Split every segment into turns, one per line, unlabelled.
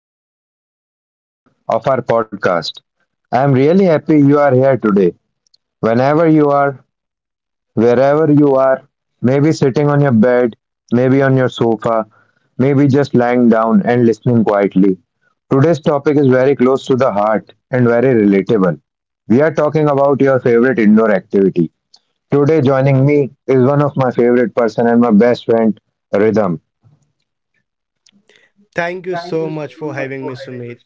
another beautiful episode of our podcast. I am really happy you are here today. Whenever you are, wherever you are, maybe sitting on your bed, maybe on your sofa, maybe just lying down and listening quietly. Today's topic is very close to the heart and very relatable. We are talking about your favorite indoor activity. Today, joining me is one of my favorite person and my best friend, Rhythm.
Thank you so much for having me, Sumit.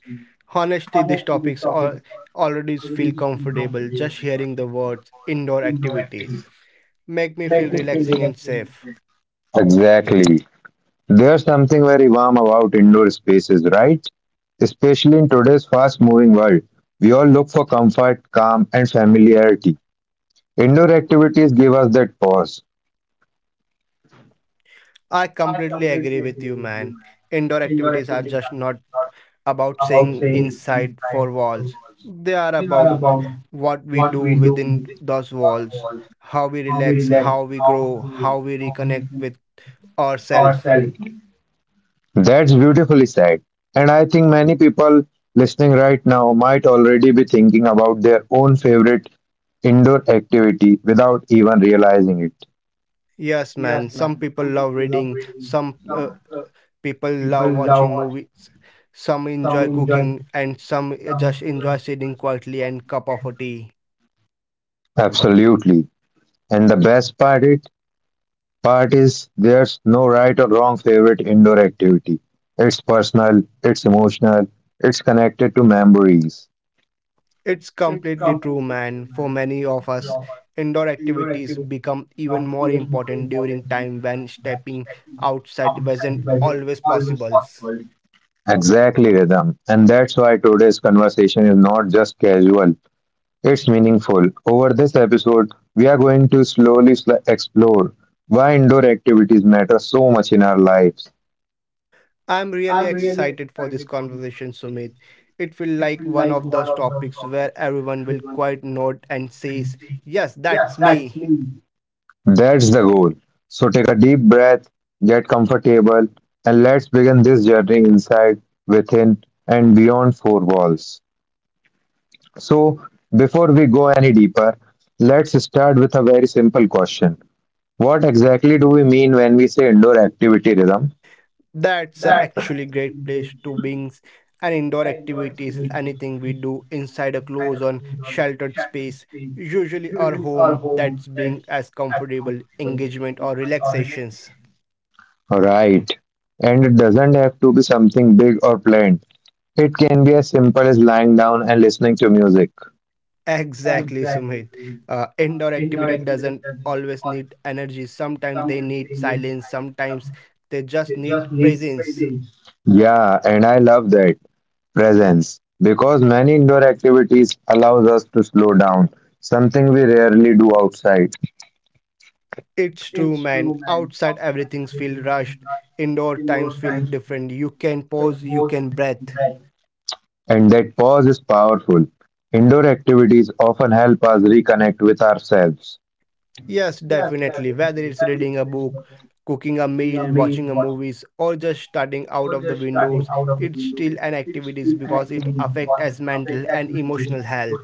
Honestly, these topics already feel comfortable just hearing the words indoor activities. Make me feel relaxing and safe.
Exactly. There's something very warm about indoor spaces, right? Especially in today's fast moving world, we all look for comfort, calm, and familiarity. Indoor activities give us that pause.
I completely agree with you, man. Indoor activities are just not about staying inside four walls. They are about what we do within those walls, how we relax, how we grow, how we reconnect with ourselves.
That's beautifully said. And I think many people listening right now might already be thinking about their own favorite indoor activity without even realizing it.
Yes, man. Some people love reading. Some People love watching movies. Some enjoy cooking and some just enjoy sitting quietly and cup of a tea.
Absolutely. And the best part is there's no right or wrong favorite indoor activity. It's personal, it's emotional, it's connected to memories.
It's completely true, man. For many of us, indoor activities become even more important during time when stepping outside wasn't always possible.
Exactly, Rhythm. And that's why today's conversation is not just casual, it's meaningful. Over this episode, we are going to slowly explore why indoor activities matter so much in our lives.
I'm really excited for this conversation, Sumit. It feels like one of those topics where everyone will quite nod and says, yes, that's me.
That's the goal. So take a deep breath, get comfortable, and let's begin this journey inside, within, and beyond four walls. So, before we go any deeper, let's start with a very simple question. What exactly do we mean when we say indoor activity rhythm?
That's a actually great place to beings and indoor activities, anything we do inside a close on sheltered space, usually our home that's bring us comfortable engagement or relaxations.
Right. And it doesn't have to be something big or planned. It can be as simple as lying down and listening to music.
Exactly, Sumit. Indoor activity doesn't always need energy. Sometimes they need silence, sometimes they just need presence.
Yeah, and I love that presence because many indoor activities allows us to slow down, something we rarely do outside.
It's true, man. Outside everything's feel rushed. Indoor times feel different. You can pause, you can breathe.
And that pause is powerful. Indoor activities often help us reconnect with ourselves.
Yes, definitely. Whether it's reading a book, cooking a meal, watching a movies, or just starting out of the windows, it's still an activity because it affects as mental and emotional health.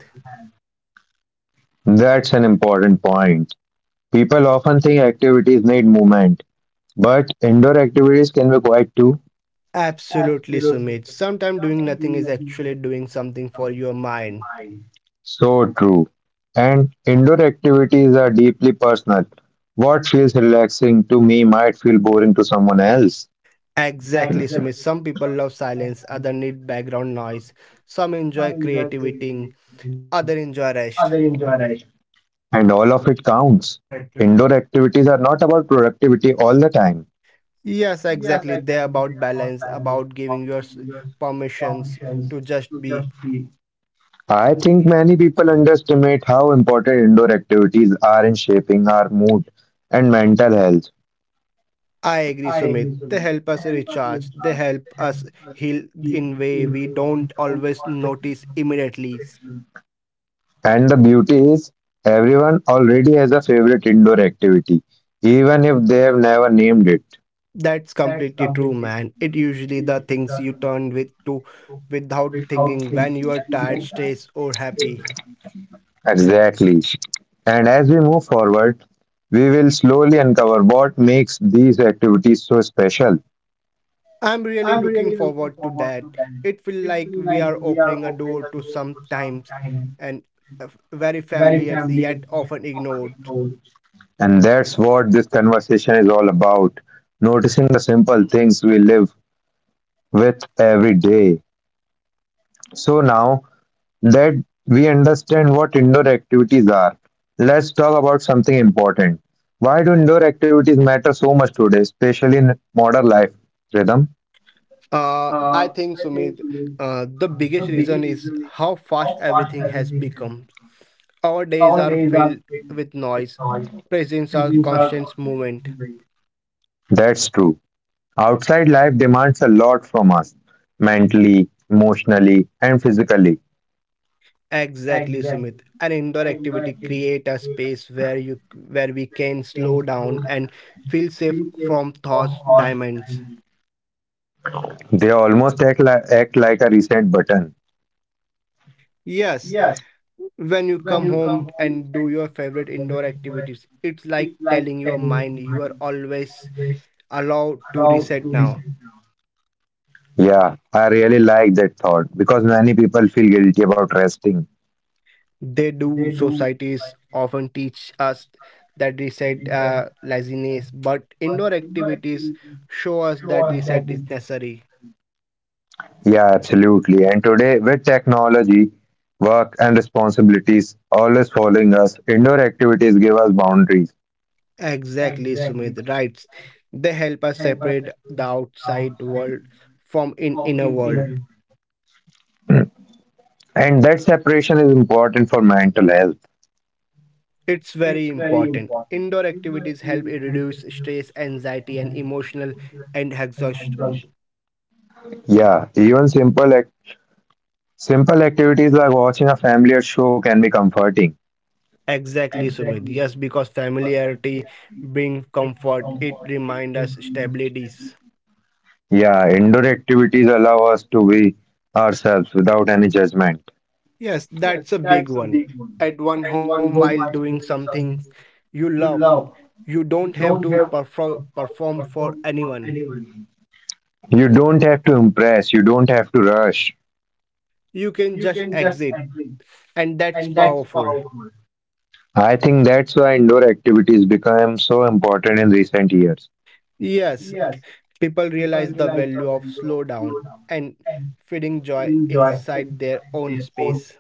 That's an important point. People often think activities need movement, but indoor activities can be quite too.
Absolutely, Sumit. Sometimes doing nothing is actually doing something for your mind.
So true. And indoor activities are deeply personal. What feels relaxing to me might feel boring to someone else,
Exactly, Sumit. Some people love silence, other need background noise. Some enjoy creativity, other enjoy rest.
and all of it counts. Indoor activities are not about productivity all the time.
Yes, exactly. They're about balance, about giving your permissions to just be.
I think many people underestimate how important indoor activities are in shaping our mood and mental health.
I agree, Sumit. They help us recharge. They help us heal in way we don't always notice immediately.
And the beauty is, everyone already has a favorite indoor activity, even if they have never named it.
That's completely true, man. It usually the things you turn with to without thinking when you are tired, stressed, or happy.
Exactly. And as we move forward, we will slowly uncover what makes these activities so special.
I'm really looking forward to that. It feels like we are opening a door to sometimes and very familiar yet often ignored.
And that's what this conversation is all about noticing the simple things we live with every day. So now, that we understand what indoor activities are, let's talk about something important. Why do indoor activities matter so much today, especially in modern life rhythm?
I think Sumit, the biggest reason is how fast everything has become. Our days are filled with noise. Presents are constant movement.
That's true. Outside life demands a lot from us, mentally, emotionally, and physically.
Exactly, Sumit. An indoor activity create a space where we can slow down and feel safe from thoughts diamonds.
They almost act like a reset button.
Yes, when you come home and do your favorite indoor activities it's like telling your mind you are always allowed to reset now.
Yeah, I really like that thought because many people feel guilty about resting.
They do societies often teach us that reset laziness but indoor activities show us that reset is necessary.
Yeah, absolutely. And today, with technology, work, and responsibilities always following us, indoor activities give us boundaries.
Exactly, Sumit, right, they help us separate the outside world from in inner world.
And that separation is important for mental health.
It's very important. Indoor activities help it reduce stress, anxiety, and emotional and exhaust.
Yeah, even simple activities like watching a familiar show can be comforting.
Exactly, Sumit. Yes, because familiarity brings comfort. It reminds us stabilities.
Yeah, indoor activities allow us to be ourselves without any judgment.
Yes, that's a big one. At one home while doing something you love, you don't have to perform for anyone.
You don't have to impress, you don't have to rush.
You can just exit, and that's powerful.
I think that's why indoor activities become so important in recent years.
Yes, people realize the value of slow down and feeding joy inside their own space.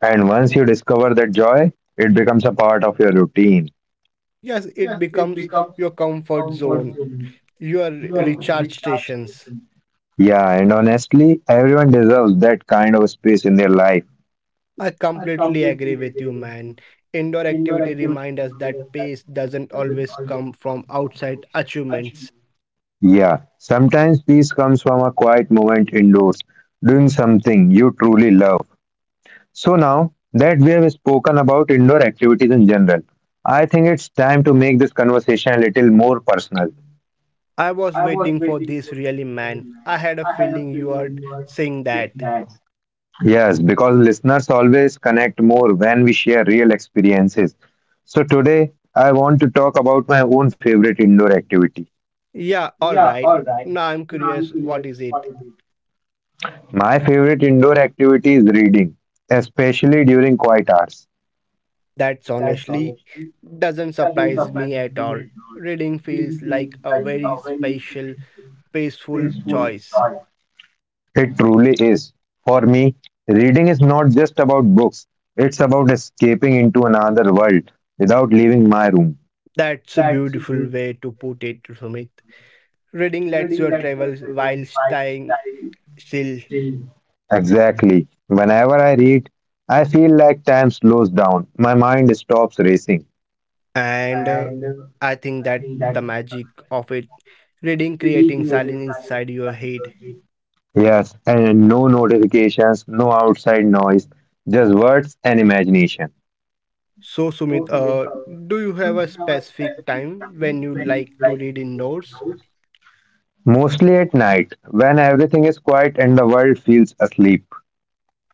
And once you discover that joy, it becomes a part of your routine.
Yes, it becomes your comfort zone, your recharge stations.
Yeah, and honestly, everyone deserves that kind of space in their life.
I completely agree with you, man. Indoor activity remind us that pace doesn't always come from outside achievements.
Yeah, sometimes peace comes from a quiet moment indoors, doing something you truly love. So now that we have spoken about indoor activities in general, I think it's time to make this conversation a little more personal.
I was waiting for this really, man. I had a feeling you are saying that.
Yes, because listeners always connect more when we share real experiences. So today I want to talk about my own favorite indoor activity.
Yeah, all right. Now I'm curious, what is it?
My favorite indoor activity is reading, especially during quiet hours.
That's honestly doesn't surprise me at all. Reading feels like a very special, peaceful choice.
It truly is. For me, reading is not just about books, it's about escaping into another world without leaving my room.
That's a beautiful way to put it, Sumit. Reading lets you travel while staying still,
Exactly. Whenever I read, I feel like time slows down. My mind stops racing.
and I think that the magic of it. Reading creating silence inside your head.
Yes, and no notifications, no outside noise, just words and imagination.
So, Sumit, do you have a specific time when you like to read indoors?
Mostly at night, when everything is quiet and the world feels asleep.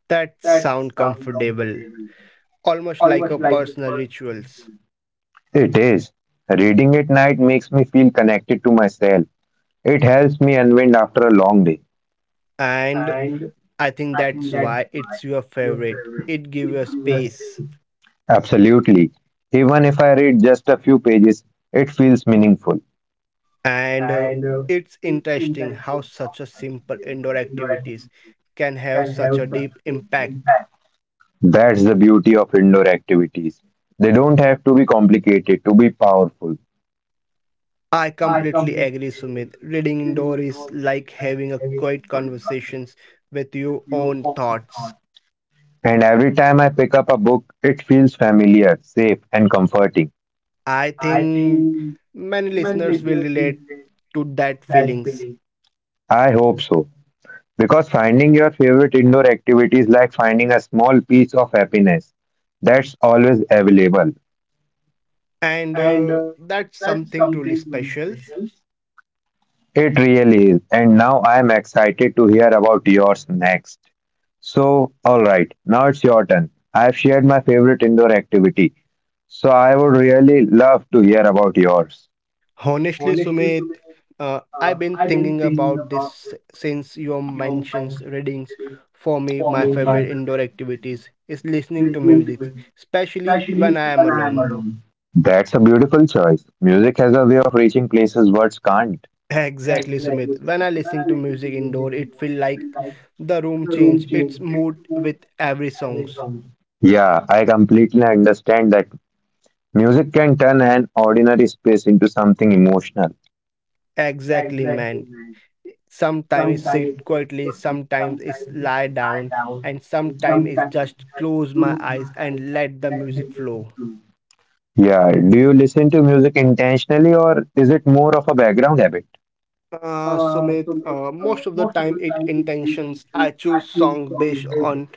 That sound comfortable, almost like a personal rituals.
It is. Reading at night makes me feel connected to myself. It helps me unwind after a long day.
And I think that's why it's your favorite, it gives you space.
Absolutely. Even if I read just a few pages, it feels meaningful.
And it's interesting how such a simple indoor activities can have such a deep impact.
That's the beauty of indoor activities. They don't have to be complicated to be powerful.
I completely agree, Sumit, reading indoor is like having a quiet conversations with your own thoughts.
And every time I pick up a book, it feels familiar, safe, and comforting.
I think many listeners will relate to that feelings.
I hope so. Because finding your favorite indoor activity is like finding a small piece of happiness that's always available.
And that's something truly special.
It really is. And now I am excited to hear about yours next. So, alright, now it's your turn. I've shared my favorite indoor activity. So, I would really love to hear about yours.
Honestly, Sumit, I've been thinking about this since your mentions readings. For me, my favorite indoor activities is listening to music, especially when I am alone.
That's a beautiful choice. Music has a way of reaching places words can't.
Exactly, Sumit. When I listen to music indoor, it feels like the room change its mood with every songs.
Yeah, I completely understand that music can turn an ordinary space into something emotional.
Exactly, man. Sometimes it's sit quietly, sometimes it's lie down, and sometimes it's just close my eyes and let the music flow.
Yeah, do you listen to music intentionally or is it more of a background habit?
Sumit, most of the time it intentions. I choose song based on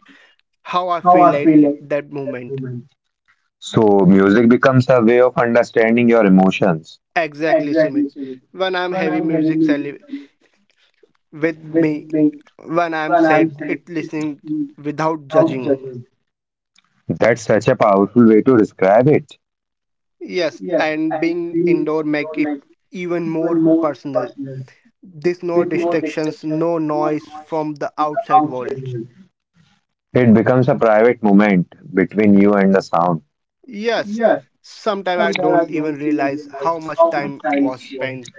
how I feel at that moment.
So, music becomes a way of understanding your emotions.
Exactly, Sumit. When I'm heavy music with me, when I'm sad, it listening without judging.
That's such a powerful way to describe it.
Yes, and being indoor make it even more personal. There's no distractions, no noise from the outside world.
It becomes a private moment between you and the sound.
Yes, sometimes I don't even realize how much time was spent.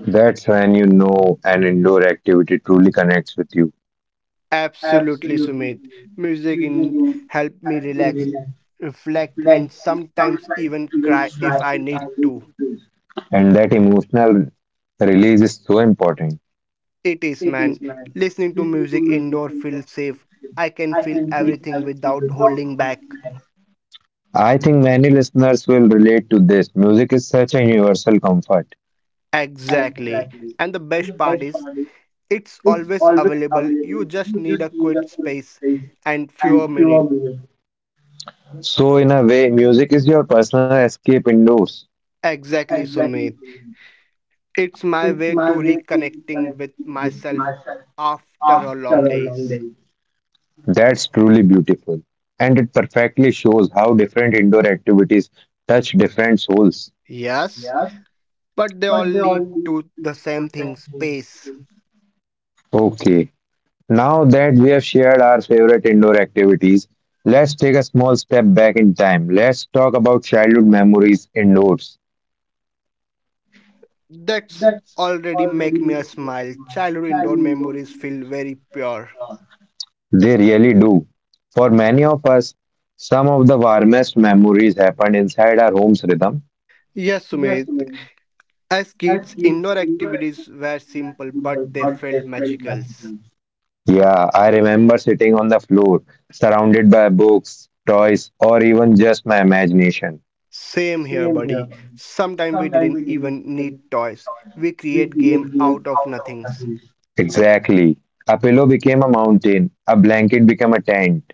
That's when you know an indoor activity truly connects with you.
Absolutely, Sumit. Music in help me relax, reflect, and sometimes even cry if I need to.
And that emotional release is so important.
It is, man. Listening to music indoor feels safe. I can feel everything without holding back.
I think many listeners will relate to this. Music is such a universal comfort.
Exactly. And the best part is, it's always available. You just need a quiet space and fewer minutes.
So, in a way, music is your personal escape indoors.
Exactly, Sumit. It's my way to reconnecting with myself after a long days.
That's truly beautiful. And it perfectly shows how different indoor activities touch different souls.
Yes, but they all lead to the same thing space.
Okay, now that we have shared our favorite indoor activities, let's take a small step back in time. Let's talk about childhood memories indoors.
That's already make me a smile, childhood indoor memories feel very pure.
They really do. For many of us, some of the warmest memories happened inside our homes, Rhythm.
Yes, Sumit, as kids indoor activities were simple but they felt magical.
Yeah, I remember sitting on the floor, surrounded by books, toys, or even just my imagination.
Same here, buddy, sometimes we didn't even need toys, we create game out of nothings.
Exactly. A pillow became a mountain, a blanket became a tent.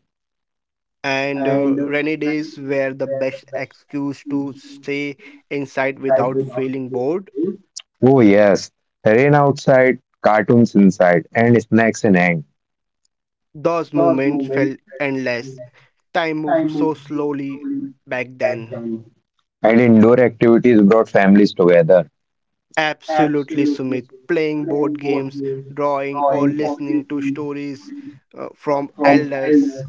And rainy days were the best excuse to stay inside without feeling bored.
Oh, yes. Rain outside, cartoons inside, and snacks in hand.
Those moments felt endless. Time moved so slowly back then.
And indoor activities brought families together.
Absolutely, Sumit. Playing board games, drawing, or listening to stories from elders.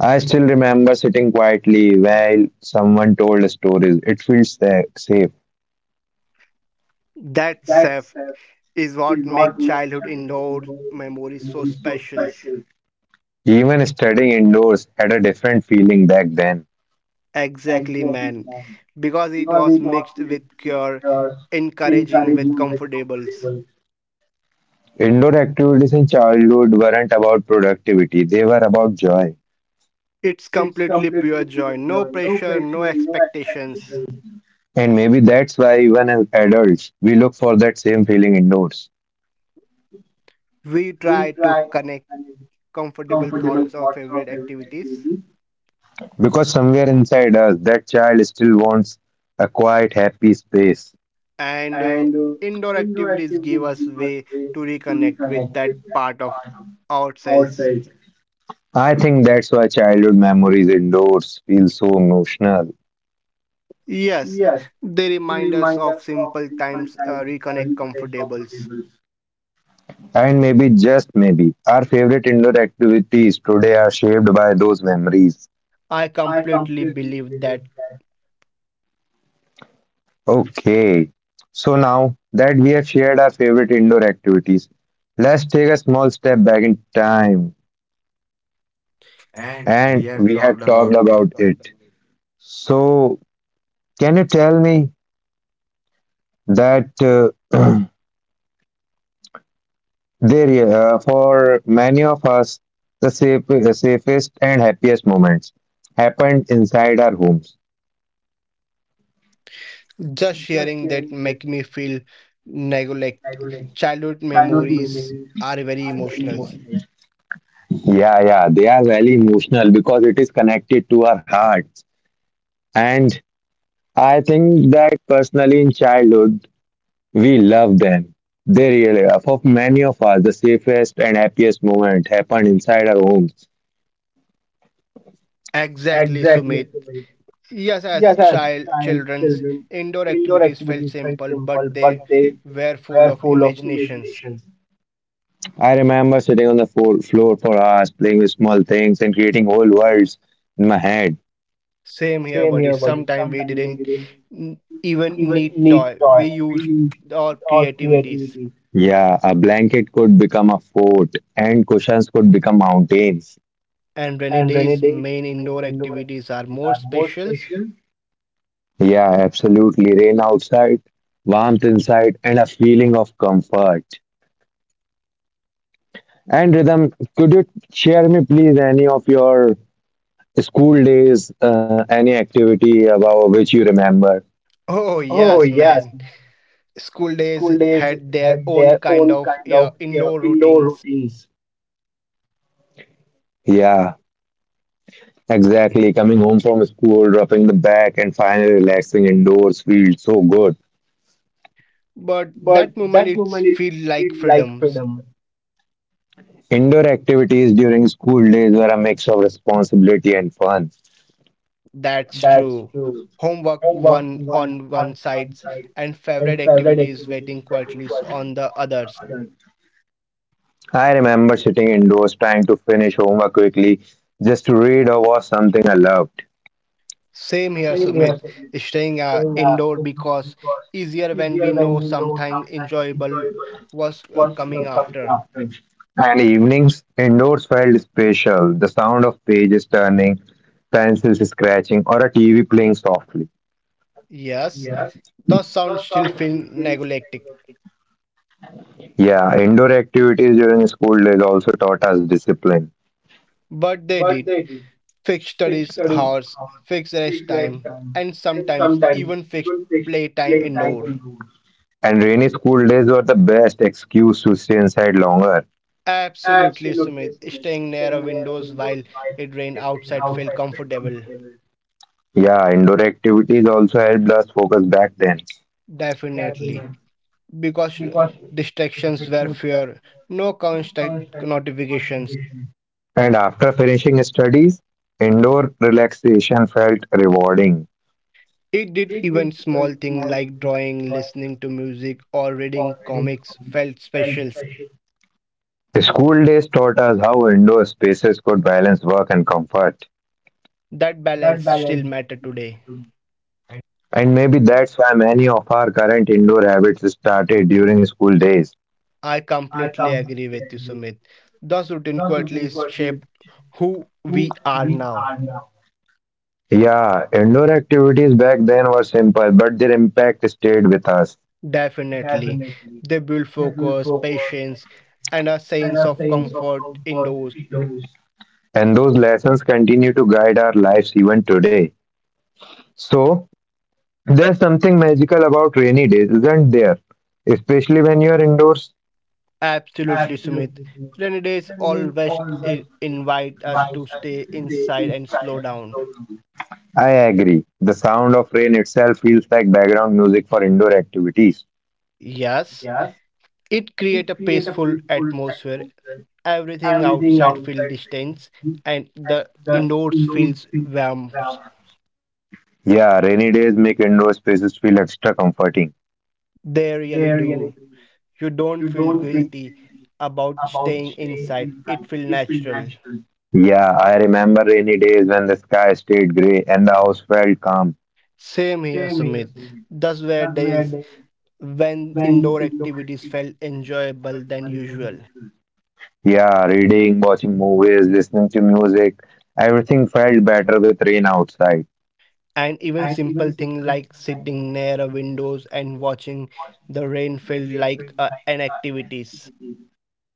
I still remember sitting quietly while someone told stories. It feels safe.
That self is what makes childhood indoor memories so special.
Even studying indoors had a different feeling back then.
Exactly, man. Because it was mixed with cure, encouraging with comfortables.
Indoor activities in childhood weren't about productivity, they were about joy.
It's completely pure joy. No pressure, no expectations.
And maybe that's why, even as adults, we look for that same feeling indoors.
We try to connect comfortable thoughts of favorite activities.
Because somewhere inside us, that child still wants a quiet, happy space.
And indoor activities give us way to reconnect with that part of ourselves.
I think that's why childhood memories indoors feel so emotional.
Yes, they remind us of simple times, reconnect comfortables.
And maybe, just maybe, our favorite indoor activities today are shaped by those memories.
I completely believe that.
Okay, so now that we have shared our favorite indoor activities, let's take a small step back in time and we have talked about it. So, can you tell me that there, for many of us, the safest and happiest moments happened inside our homes?
Just sharing that make me feel neglect, childhood memories are very emotional.
Yeah, they are very emotional because it is connected to our hearts. And I think that personally in childhood, we love them. They really are. For many of us, the safest and happiest moment happened inside our homes.
Exactly, Sumit. Yes, as child children's indoor activities felt simple, but they were full of imaginations.
I remember sitting on the floor for hours, playing with small things and creating whole worlds in my head.
Same here, buddy. Sometimes we didn't even need toy. We used our creativities.
Yeah, a blanket could become a fort and cushions could become mountains.
And rainy days, main indoor activities are more specials.
Yeah, absolutely. Rain outside, warmth inside, and a feeling of comfort. And Rhythm, could you share me, please, any of your school days, any activity about which you remember?
Oh yes, man. School days had their own kind of indoor routines,
Yeah, exactly. Coming home from school, dropping the bag, and finally relaxing indoors feels so good.
but that moment it feel like freedom.
Indoor activities during school days were a mix of responsibility and fun.
That's true. Homework one on one sides and favorite activities waiting quietly on the others.
I remember sitting indoors trying to finish homework quickly just to read or watch something I loved.
Same here, Sumit. Staying indoor because easier when we know something enjoyable was coming after.
And evenings indoors felt special. The sound of pages turning, pencils scratching, or a TV playing softly.
Yes, the sound still feel neglected,
Yeah, indoor activities during school days also taught us discipline.
but they did. Fixed studies hours, fixed rest time, and sometimes even fixed playtime indoor.
And rainy school days were the best excuse to stay inside longer.
Absolutely, Sumit. Staying near a windows while it rained outside felt comfortable.
Yeah, indoor activities also helped us focus back then.
Definitely. Because distractions were fewer, no constant notifications.
And after finishing studies, indoor relaxation felt rewarding.
It did, even small things like drawing, listening to music, or reading comics felt special.
The school days taught us how indoor spaces could balance work and comfort.
That balance still matter today.
And maybe that's why many of our current indoor habits started during school days.
I completely agree with you, Sumit. Those routine quietly shaped who we are now.
Yeah, indoor activities back then were simple, but their impact stayed with us.
Definitely. They build focus, patience, and a sense of comfort indoors.
And those lessons continue to guide our lives even today. So, there's something magical about rainy days, isn't there? Especially when you are indoors.
Absolutely, Sumit. Rainy days always invite us to stay inside and slow down.
I agree. The sound of rain itself feels like background music for indoor activities.
Yes, it creates a peaceful atmosphere. Everything outside feels distance, and the indoors feels warmth.
Yeah, rainy days make indoor spaces feel extra comforting.
They really do. You don't feel guilty about staying inside. It feels natural.
Yeah, I remember rainy days when the sky stayed grey and the house felt calm.
Same here, Sumit. Thus were days when indoor activities felt enjoyable than usual.
Yeah, reading, watching movies, listening to music, everything felt better with rain outside.
And even simple things like sitting near a windows and watching the rain felt like an activities.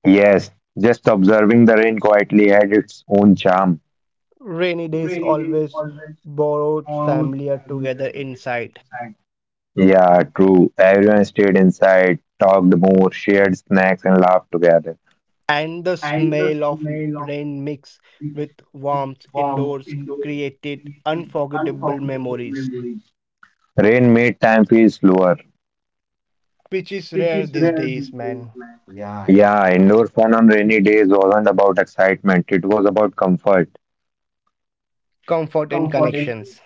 Yes, just observing the rain quietly had its own charm.
Rainy days always borrowed familiar together inside.
Yeah, true. Everyone stayed inside, talked more, shared snacks, and laughed together.
And the smell of rain mixed with warmth indoors created unforgettable memories,
Rain made time feel slower.
which is rare these days, man. Yeah.
Yeah, indoor fun on rainy days wasn't about excitement, it was about comfort.
Comfort in connections.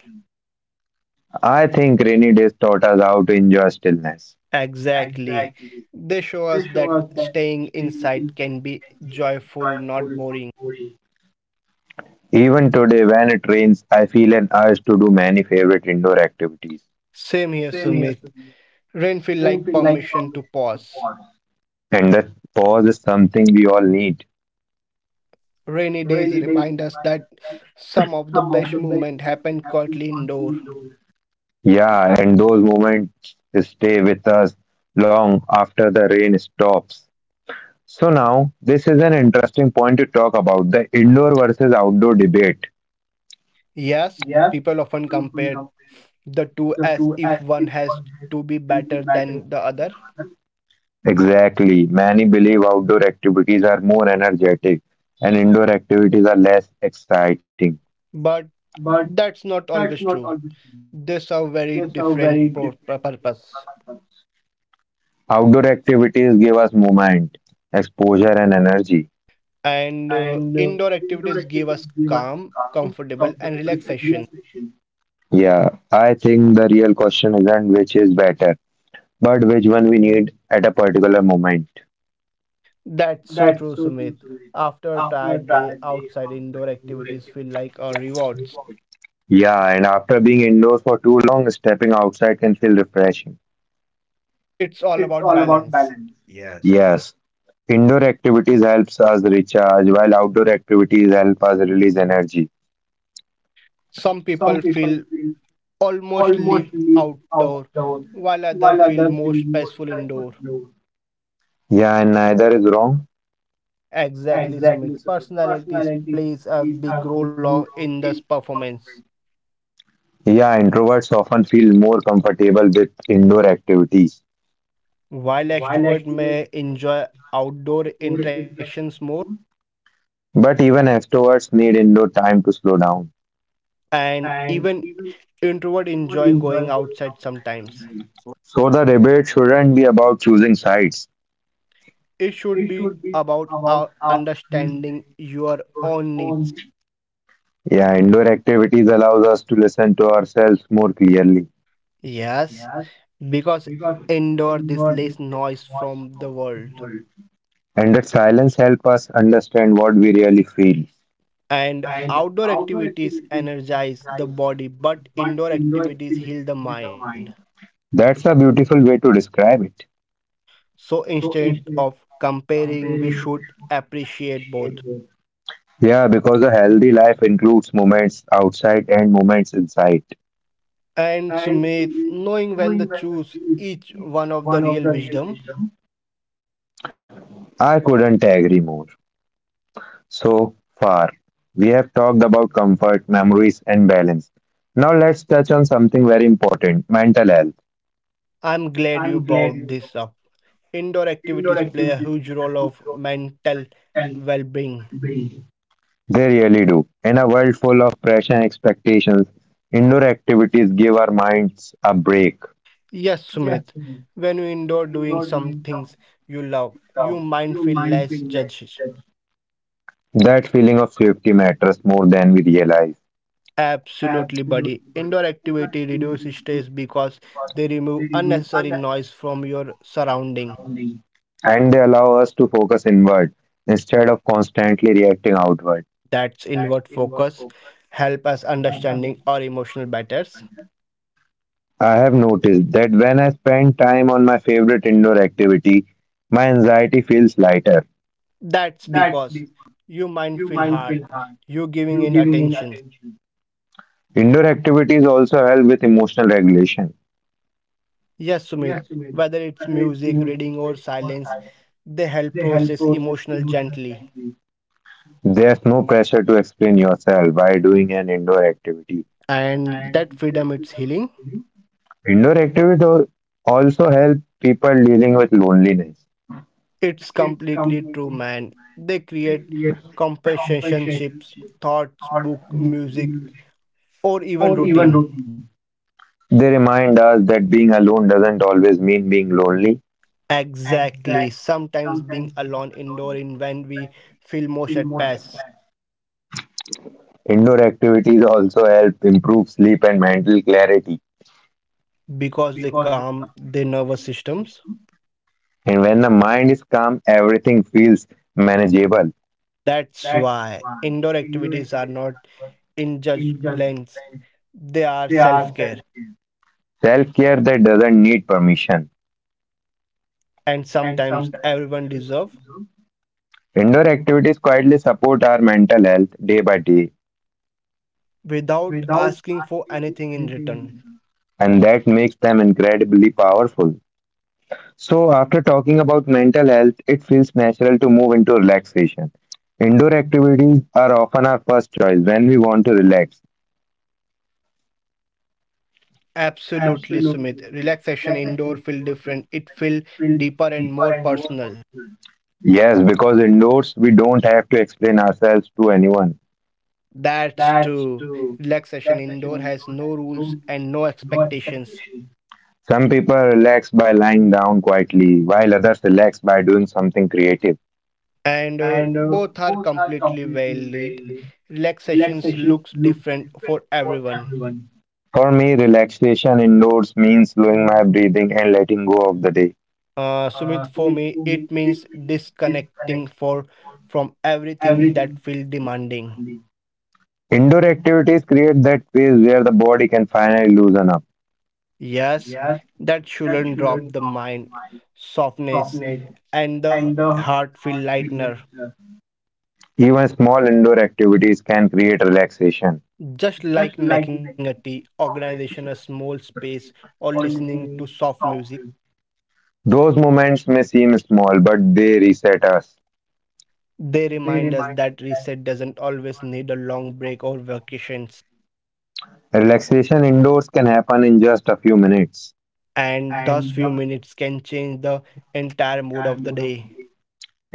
I think rainy days taught us how to enjoy stillness.
Exactly. They show us that staying inside can be joyful, not boring.
Even today, when it rains, I feel an urge to do many favorite indoor activities.
Same here, Sumit. Rain feels like permission to pause.
And that pause is something we all need.
Rainy days remind us that some of the best movement happen quietly indoor.
Yeah, and those moments stay with us long after the rain stops. So now, this is an interesting point to talk about the indoor versus outdoor debate.
Yes, people often compare the two as if one has to be better than the other,
Exactly. Many believe outdoor activities are more energetic and indoor activities are less exciting.
but that's not always true. They serve very different purpose.
Outdoor activities give us movement, exposure, and energy.
And indoor activities give us calm, comfortable, and relaxation.
Yeah, I think the real question isn't which is better, but which one we need at a particular moment.
That's so true, Sumit. After a tired day, outside indoor activities feel like a rewards.
Yeah, and after being indoors for too long, stepping outside can feel refreshing.
It's all about balance. Yes.
Yes, indoor activities helps us recharge, while outdoor activities help us release energy.
Some people feel almost live outdoor, while others feel most peaceful indoor.
Yeah, and neither is wrong.
Exactly, Sumit. Personalities plays a big role in this performance.
Yeah, introverts often feel more comfortable with indoor activities,
While extrovert may enjoy outdoor interactions more,
but even extroverts need indoor time to slow down.
and even introvert enjoy going outside sometimes. So
So the debate shouldn't be about choosing sides.
it should be about understanding your own needs.
Yeah, indoor activities allows us to listen to ourselves more clearly,
Yes, because indoor this less noise from the world.
and that silence helps us understand what we really feel.
And outdoor activities energize the body, but indoor activities heal the mind.
That's a beautiful way to describe it.
So instead of comparing, we should appreciate both.
Yeah, because a healthy life includes moments outside and moments inside.
And Sumit, knowing when to choose each one of the real wisdom,
I couldn't agree more. So far, we have talked about comfort, memories, and balance. Now let's touch on something very important mental health.
I'm glad you brought this up. Indoor activities play a huge role of mental well-being.
They really do. In a world full of pressure and expectations, indoor activities give our minds a break.
Yes, Sumit. When you indoor doing some things you love, your mind feel less judged.
That feeling of safety matters more than we realize,
Absolutely, buddy. Indoor activity reduces stress because they remove unnecessary noise from your surrounding.
and they allow us to focus inward instead of constantly reacting outward.
That's inward focus, help us understanding our emotional matters.
I have noticed that when I spend time on my favorite indoor activity, my anxiety feels lighter.
That's because you mind feel hard, you giving in attention.
Indoor activities also help with emotional regulation.
Yes, Sumit, whether it's music, reading, or silence, they help process emotional gently.
There's no pressure to explain yourself by doing an indoor activity.
And that freedom, it's healing.
Indoor activities also help people dealing with loneliness.
It's completely true, man. They create compensationships, thoughts, book, music, or even routine.
They remind us that being alone doesn't always mean being lonely.
Exactly. Sometimes being alone indoor in when we feel most at peace
Indoor activities also help improve sleep and mental clarity.
because they calm the nervous systems.
And when the mind is calm, everything feels manageable.
That's why indoor activities are not in judgments, they are self care.
Self care that doesn't need permission.
And sometimes everyone deserve
Indoor activities quietly support our mental health day by day,
without asking for anything in return.
and that makes them incredibly powerful. So, after talking about mental health, it feels natural to move into relaxation. Indoor activities are often our first choice when we want to relax.
Absolutely, Sumit. Relaxation indoor feel different. It feel deeper and more personal.
Yes, because indoors we don't have to explain ourselves to anyone.
That's true. Relaxation indoor has no rules and no expectations.
Some people relax by lying down quietly, while others relax by doing something creative.
And both are completely valid. Relaxations looks different for everyone.
For me, relaxation indoors means slowing my breathing and letting go of the day.
Sumit, for me, it means disconnecting for from everything that feel demanding.
Indoor activities create that space where the body can finally loosen up.
Yes, that shouldn't drop the mind, softness, and the heart feel lightener.
Even small indoor activities can create relaxation.
Just like making a tea, organization a small space, or listening to soft music,
Those moments may seem small, but they reset us.
they remind us that reset doesn't always need a long break or vacations,
Relaxation indoors can happen in just a few minutes.
and thus few minutes can change the entire mood of the day.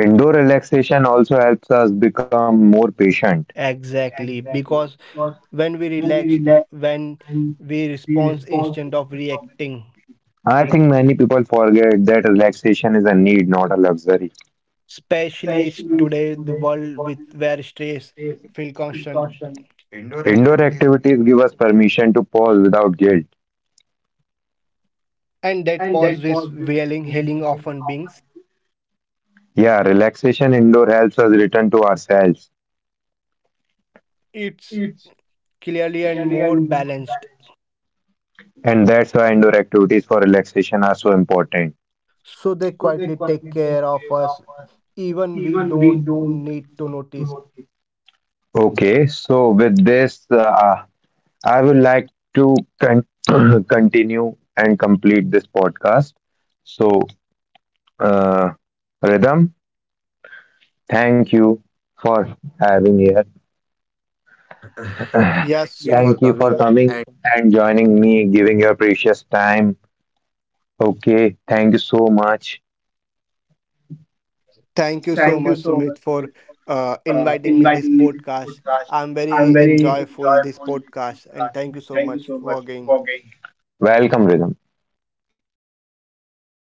Indoor relaxation also helps us become more patient.
Exactly, because when we relaxed, when we respond instead of reacting.
I think many people forget that relaxation is a need, not a luxury.
Especially today, the world with where stress feel constant,
Indoor activities give us permission to pause without guilt.
and that pause with wailing, healing often beings.
Yeah, relaxation indoor helps us return to ourselves,
It's clearly and more balanced,
and that's why indoor activities for relaxation are so important.
so they quietly take care of us, even we don't need to notice.
Okay, so with this, I would like to con- continue and complete this podcast. So, uh, Rhythm, thank you for having here.
Yes. Thank you for
Thank you for
coming.
coming and joining me, giving your precious time. Okay, thank you so much.
Thank you so much, Sumit, for inviting me this podcast. I'm very enjoyable this podcast, and thank you so much for again.
Welcome, Rhythm.